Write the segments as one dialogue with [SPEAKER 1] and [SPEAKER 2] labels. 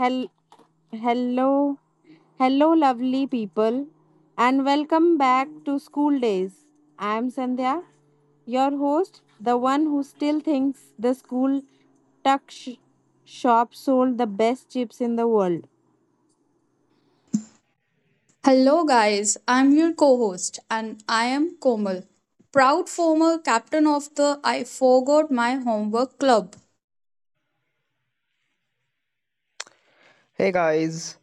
[SPEAKER 1] Hel- Hello, hello, lovely people, and welcome back to School Days. I am Sandhya, your host, the one who still thinks the school tuck shop sold the best chips in the world.
[SPEAKER 2] Hello, guys. I'm your co host, and I am Komal, proud former captain of the I Forgot My Homework Club.
[SPEAKER 3] Hey guys,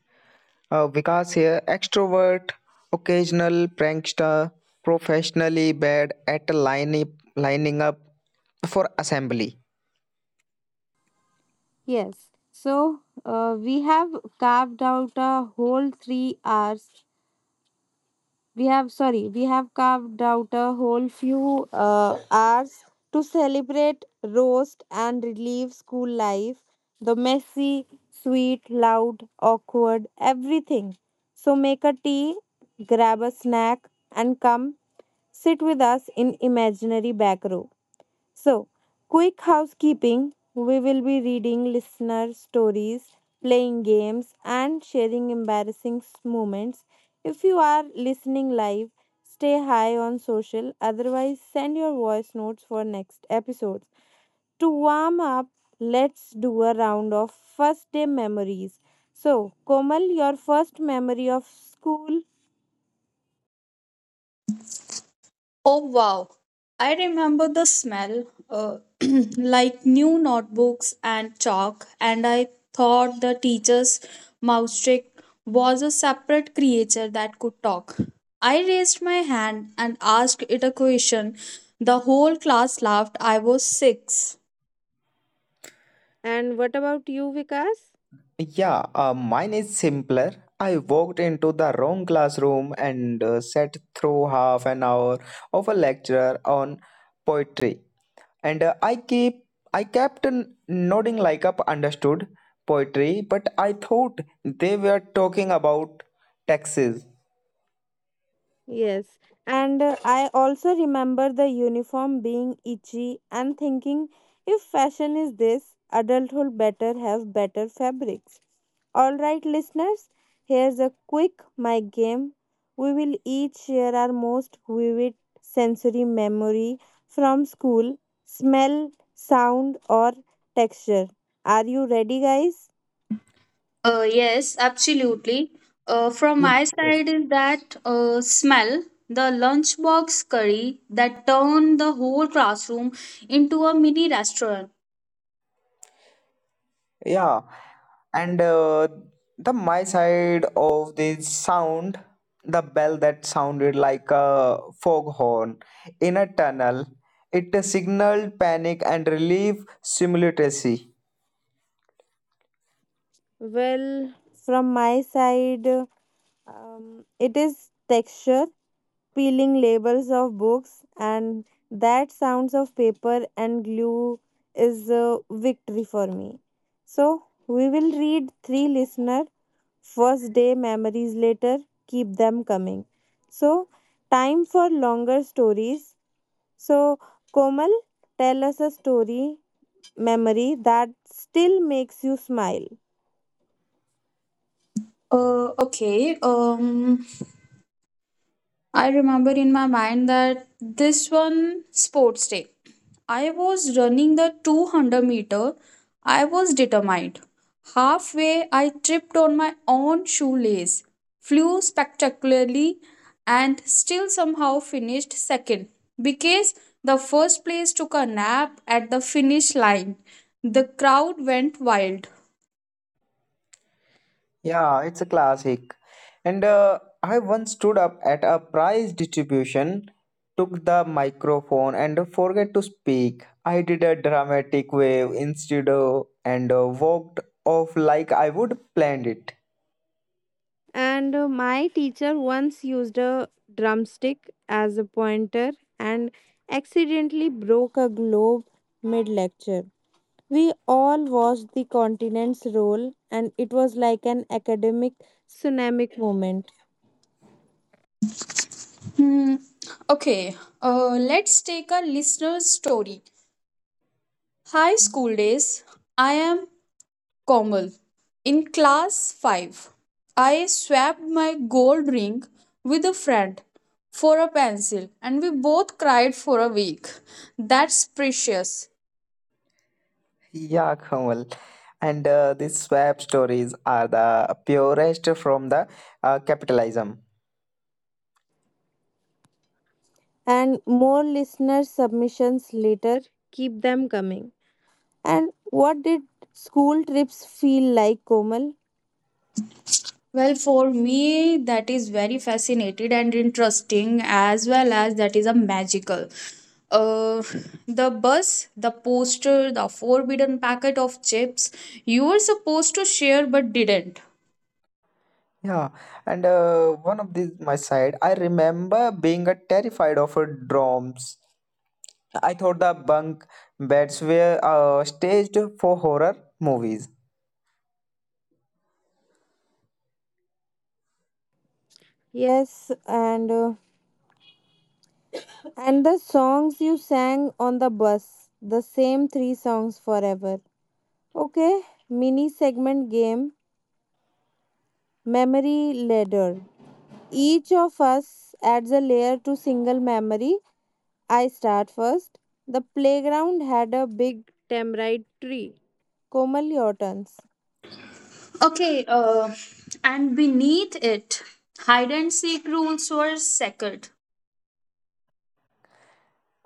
[SPEAKER 3] Vikas here, extrovert, occasional prankster, professionally bad at lining up for assembly.
[SPEAKER 1] Yes, so we have carved out a whole 3 hours, we have, sorry, we have carved out a whole few hours to celebrate, roast, and relieve school life, the messy, sweet, loud, awkward everything. So make a tea, grab a snack, and come sit with us in imaginary back row. So, quick housekeeping. We will be reading listener stories, playing games, and sharing embarrassing moments. If you are listening live, stay high on social, otherwise, send your voice notes for next episodes. To warm up, let's do a round of first day memories. So, Komal, your first memory of school,
[SPEAKER 2] Oh, wow. I remember the smell, like new notebooks and chalk, and I thought the teacher's mouse trick was a separate creature that could talk. I raised my hand and asked it a question. The whole class laughed. I was six.
[SPEAKER 1] and what about you, Vikas?
[SPEAKER 3] Yeah, mine is simpler. I walked into the wrong classroom and sat through half an hour of a lecture on poetry. And I kept nodding like I understood poetry, but I thought they were talking about taxes.
[SPEAKER 1] Yes, and I also remember the uniform being itchy and thinking if fashion is this, adulthood better have better fabrics. All right, listeners, here's a quick my game. We will each share our most vivid sensory memory from school: smell, sound, or texture. Are you ready, guys?
[SPEAKER 2] Yes, absolutely. From
[SPEAKER 3] Yeah.
[SPEAKER 2] my side is that smell, the lunchbox curry that turned the whole classroom into a mini restaurant.
[SPEAKER 3] Yeah, and the my side of the sound, the bell that sounded like a foghorn in a tunnel, it signaled panic and relief simultaneously.
[SPEAKER 1] Well, from my side, it is texture. Peeling labels of books, and that sounds of paper and glue is a victory for me. So we will read three listener first day memories later. Keep them coming. So time for longer stories. So Komal, tell us a story memory that still makes you smile.
[SPEAKER 2] Okay. I remember in my mind that this one sports day, I was running the 200 meter. I was determined. Halfway, I tripped on my own shoelace, flew spectacularly, and still somehow finished second because the first place took a nap at the finish line. The crowd went wild.
[SPEAKER 3] Yeah, it's a classic. And I once stood up at a prize distribution, took the microphone and forget to speak. I did a dramatic wave instead of, and walked off like I would planned it.
[SPEAKER 1] And my teacher once used a drumstick as a pointer and accidentally broke a globe mid lecture. We all watched the continents roll, and it was like an academic tsunami moment.
[SPEAKER 2] Hmm. Okay, let's take a listener's story. Hi, school days. I am Komal. In class 5, I swapped my gold ring with a friend for a pencil, and we both cried for a week. That's precious.
[SPEAKER 3] Yeah, Kamal. And these swap stories are the purest from the capitalism.
[SPEAKER 1] And more listener submissions later, keep them coming. And what did school trips feel like, Komal?
[SPEAKER 2] Well, for me, that is very fascinated and interesting, as well as that is a magical. Uh, the bus, the poster, the forbidden packet of chips you were supposed to share but didn't.
[SPEAKER 3] Yeah, and one of these my side, I remember being terrified of drums. I thought the bunk beds were staged for horror movies.
[SPEAKER 1] Yes, and the songs you sang on the bus, the same three songs forever. Okay, mini segment game, memory ladder. Each of us adds a layer to single memory. I start first. The playground had a big tamarind tree. Komal, your turns.
[SPEAKER 2] Okay, and beneath it, hide and seek rules were sacred.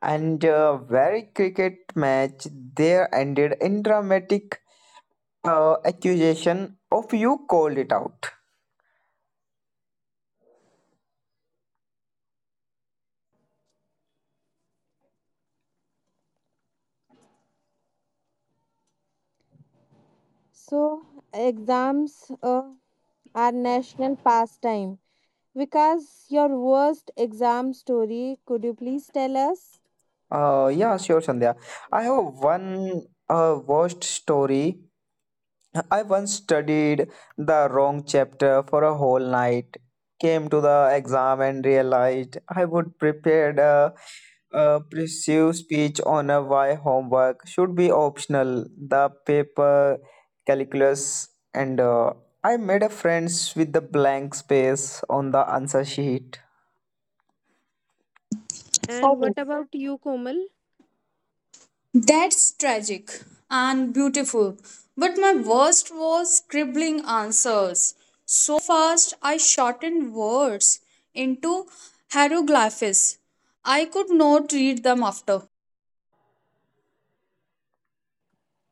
[SPEAKER 3] And very cricket match there ended in dramatic accusation of you called it out.
[SPEAKER 1] So, exams are national pastime. Vikas, your worst exam story, could you please tell us?
[SPEAKER 3] Yeah, sure, Sandhya. I have one worst story. I once studied the wrong chapter for a whole night, came to the exam and realized I would prepared a persuasive speech on a why homework should be optional, the paper calculus, and I made a friends with the blank space on the answer sheet.
[SPEAKER 1] And
[SPEAKER 2] Oh.
[SPEAKER 1] what about you, Komal?
[SPEAKER 2] That's tragic and beautiful. But my worst was scribbling answers. So fast, I shortened words into hieroglyphs. I could not read them after.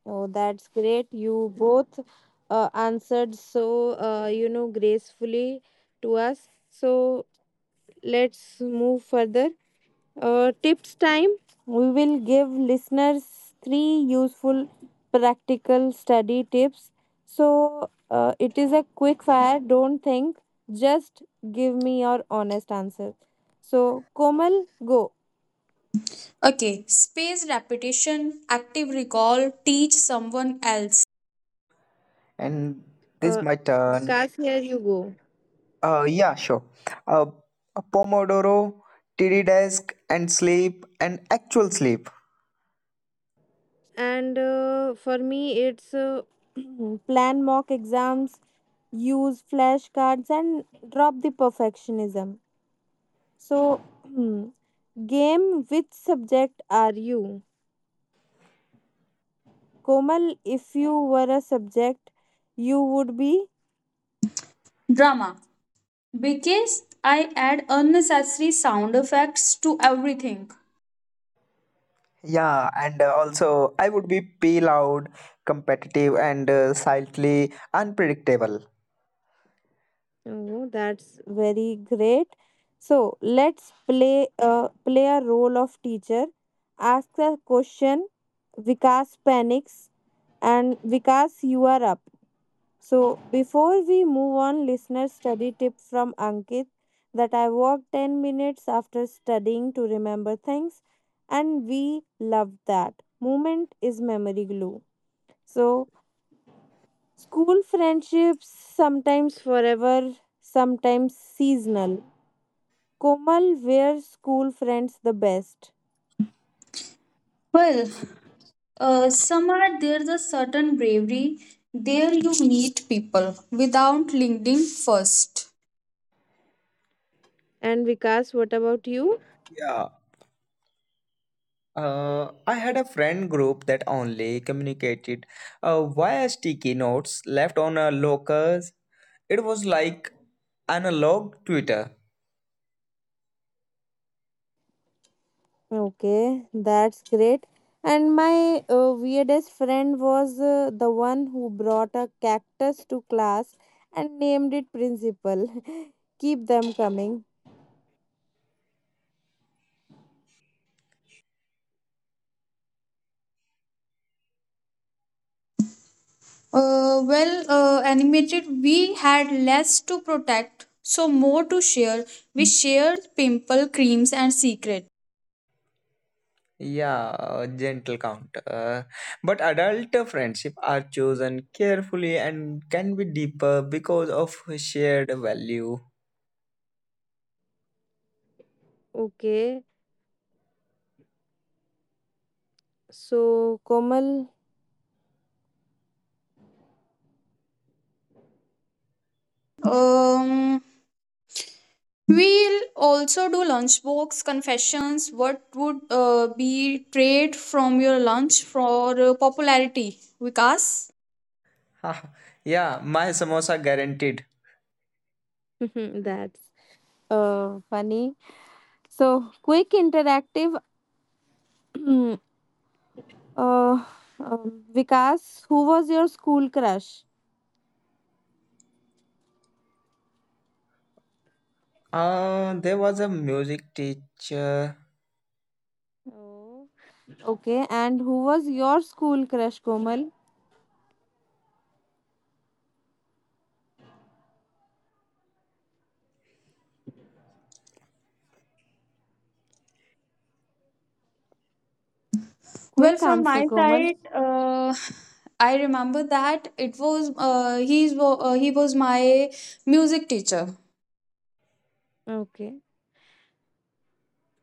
[SPEAKER 1] Oh, that's great. You both answered so, gracefully to us. So let's move further. Tips time. We will give listeners three useful practical study tips. So it is a quick fire. Don't think. Just give me your honest answer. So Komal, go.
[SPEAKER 2] Okay, space repetition, active recall, teach someone else.
[SPEAKER 3] And this
[SPEAKER 1] Uh,
[SPEAKER 3] my turn.
[SPEAKER 1] Vikas, here you go.
[SPEAKER 3] Yeah, sure. Uh, a Pomodoro, TD desk, and sleep, and actual sleep.
[SPEAKER 1] And for me it's plan mock exams, use flashcards, and drop the perfectionism. So game: which subject are you, Komal? If you were a subject, you would be.
[SPEAKER 2] Drama. Because I add unnecessary sound effects to everything.
[SPEAKER 3] Yeah, and also I would be pay loud, competitive, and slightly unpredictable.
[SPEAKER 1] Oh, that's very great. So let's play a role of teacher, ask a question, Vikas panics, and Vikas, you are up. So, before we move on, listener study tip from Ankit that I walk 10 minutes after studying to remember things, and we love that. Movement is memory glue. So, school friendships sometimes forever, sometimes seasonal. Komal, were school friends the best?
[SPEAKER 2] Well, somewhere there's a certain bravery. There you meet people without LinkedIn first.
[SPEAKER 1] And Vikas, what about you?
[SPEAKER 3] Yeah. I had a friend group that only communicated via sticky notes left on a lockers. It was like analog Twitter.
[SPEAKER 1] Okay, that's great. And my weirdest friend was the one who brought a cactus to class and named it Principal. Keep them coming.
[SPEAKER 2] Animated, we had less to protect, so more to share. We shared pimple creams and secret.
[SPEAKER 3] Yeah, a gentle count. But adult friendship are chosen carefully and can be deeper because of shared value.
[SPEAKER 1] Okay, so Komal,
[SPEAKER 2] Um, We'll also do lunchbox confessions. What would be trade from your lunch for popularity, Vikas?
[SPEAKER 3] Haha. Yeah, my samosa guaranteed.
[SPEAKER 1] that's funny. So, quick interactive. uh, Vikas, who was your school crush?
[SPEAKER 3] There was a music teacher.
[SPEAKER 1] Oh. Okay, and who was your school crush, Komal?
[SPEAKER 2] Well,
[SPEAKER 1] Quick
[SPEAKER 2] from
[SPEAKER 1] answer,
[SPEAKER 2] my
[SPEAKER 1] Komal.
[SPEAKER 2] side, I remember that it was he was my music teacher.
[SPEAKER 1] Okay.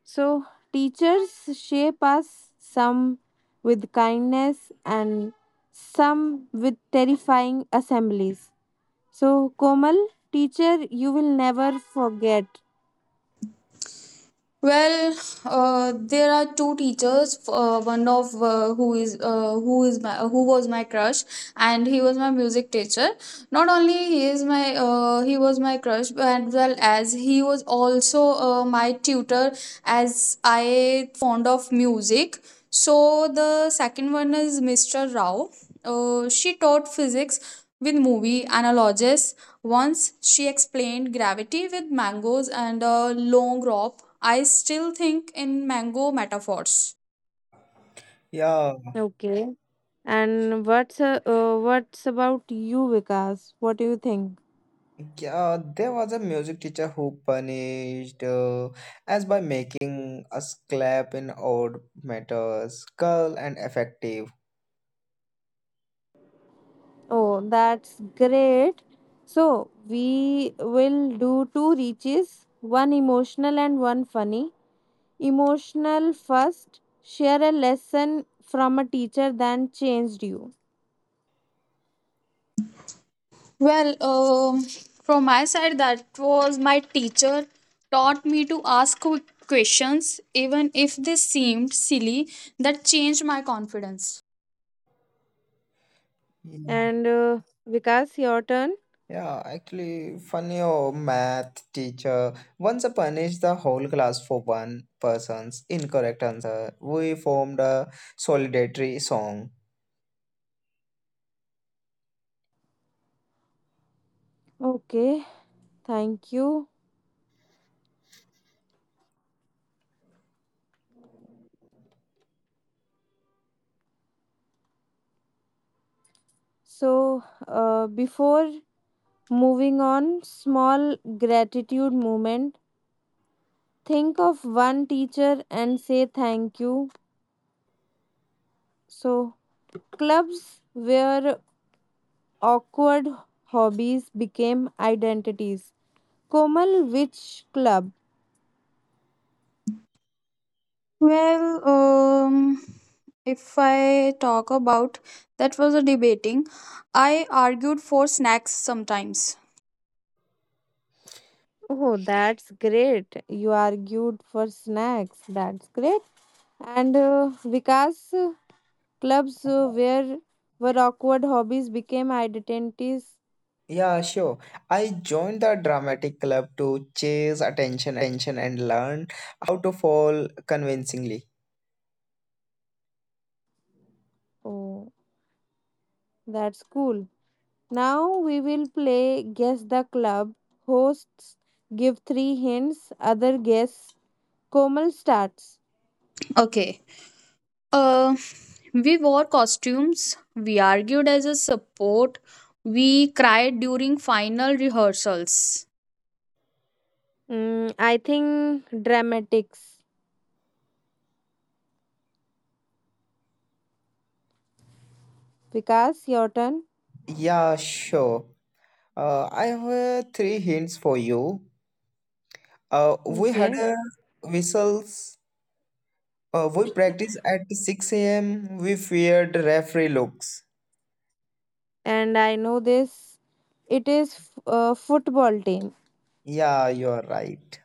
[SPEAKER 1] So, teachers shape us, some with kindness and some with terrifying assemblies. So, Komal, teacher, you will never forget.
[SPEAKER 2] Well, there are two teachers. One of who was my crush, and he was my music teacher. Not only he is my he was my crush, but as well as he was also my tutor, as I fond of music. So the second one is Mr. Rao. She taught physics with movie analogies once she explained gravity with mangoes and a long rope. I still think in mango metaphors.
[SPEAKER 3] Yeah,
[SPEAKER 1] Okay. And what's about you, Vikas? What do you think?
[SPEAKER 3] yeah, there was a music teacher who punished us by making us clap in odd matters, curl and effective.
[SPEAKER 1] Oh, that's great. So we will do two reaches, one emotional and one funny. Emotional first, share a lesson from a teacher that changed you.
[SPEAKER 2] Well, from my side, that was my teacher taught me to ask questions, even if they seemed silly. That changed my confidence.
[SPEAKER 1] And Vikas, your turn.
[SPEAKER 3] Yeah, actually, funny Oh, math teacher once punished the whole class for one person's incorrect answer. We formed a solidarity song.
[SPEAKER 1] Okay, thank you. So before moving on, small gratitude moment. Think of one teacher and say thank you. So clubs, where awkward hobbies became identities. Komal, which club?
[SPEAKER 2] Well, if I talk about that was a debating. I argued for snacks sometimes.
[SPEAKER 1] Oh, that's great. You argued for snacks. That's great. And Vikas, clubs, where awkward hobbies became identities.
[SPEAKER 3] Yeah, sure. I joined the dramatic club to chase attention and learn how to fall convincingly.
[SPEAKER 1] Oh, that's cool. Now we will play guess the club. Hosts give three hints. Other guess. Komal starts.
[SPEAKER 2] Okay. Uh, we wore costumes. We argued as a support. We cried during final rehearsals.
[SPEAKER 1] I think dramatics. Vikas, your turn.
[SPEAKER 3] Yeah, sure. I have three hints for you. We had
[SPEAKER 1] Okay.
[SPEAKER 3] a whistles. We practiced at 6 a.m. We feared referee looks.
[SPEAKER 1] And I know this. It is football team.
[SPEAKER 3] Yeah, you're right.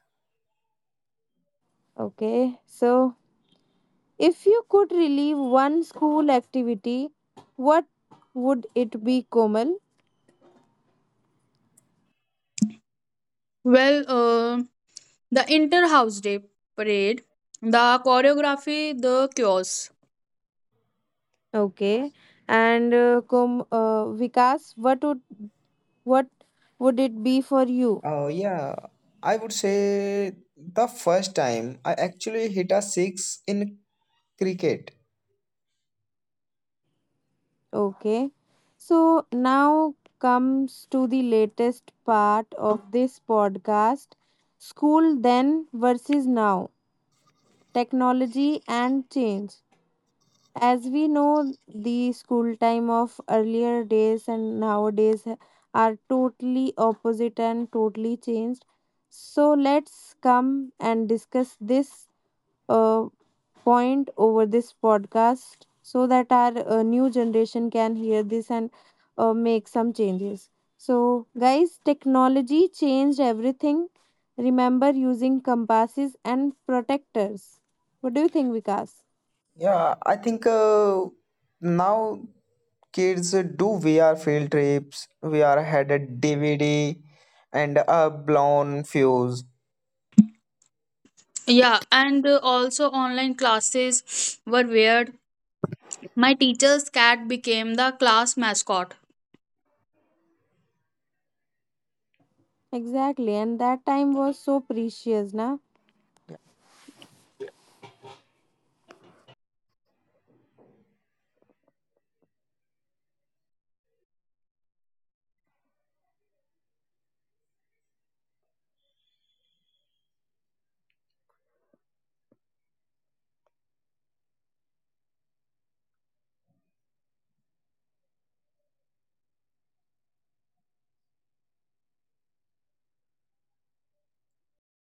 [SPEAKER 1] Okay, so if you could relieve one school activity, what would it be, Komal?
[SPEAKER 2] Well, the inter house day parade, the choreography, the chaos.
[SPEAKER 1] Okay, and Vikas, what what would it be for you?
[SPEAKER 3] Oh, yeah. I would say the first time I actually hit a six in cricket.
[SPEAKER 1] Okay, so now comes to the latest part of this podcast: school then versus now, technology and change. As we know, the school time of earlier days and nowadays are totally opposite and totally changed. So let's come and discuss this uh, point over this podcast so that our new generation can hear this and make some changes. So guys, technology changed everything. Remember using compasses and protectors? What do you think, Vikas?
[SPEAKER 3] Yeah, I think now kids do VR field trips. VR had a DVD and a blown fuse.
[SPEAKER 2] Yeah, and also online classes were weird. My teacher's cat became the class mascot.
[SPEAKER 1] Exactly, and that time was so precious, na?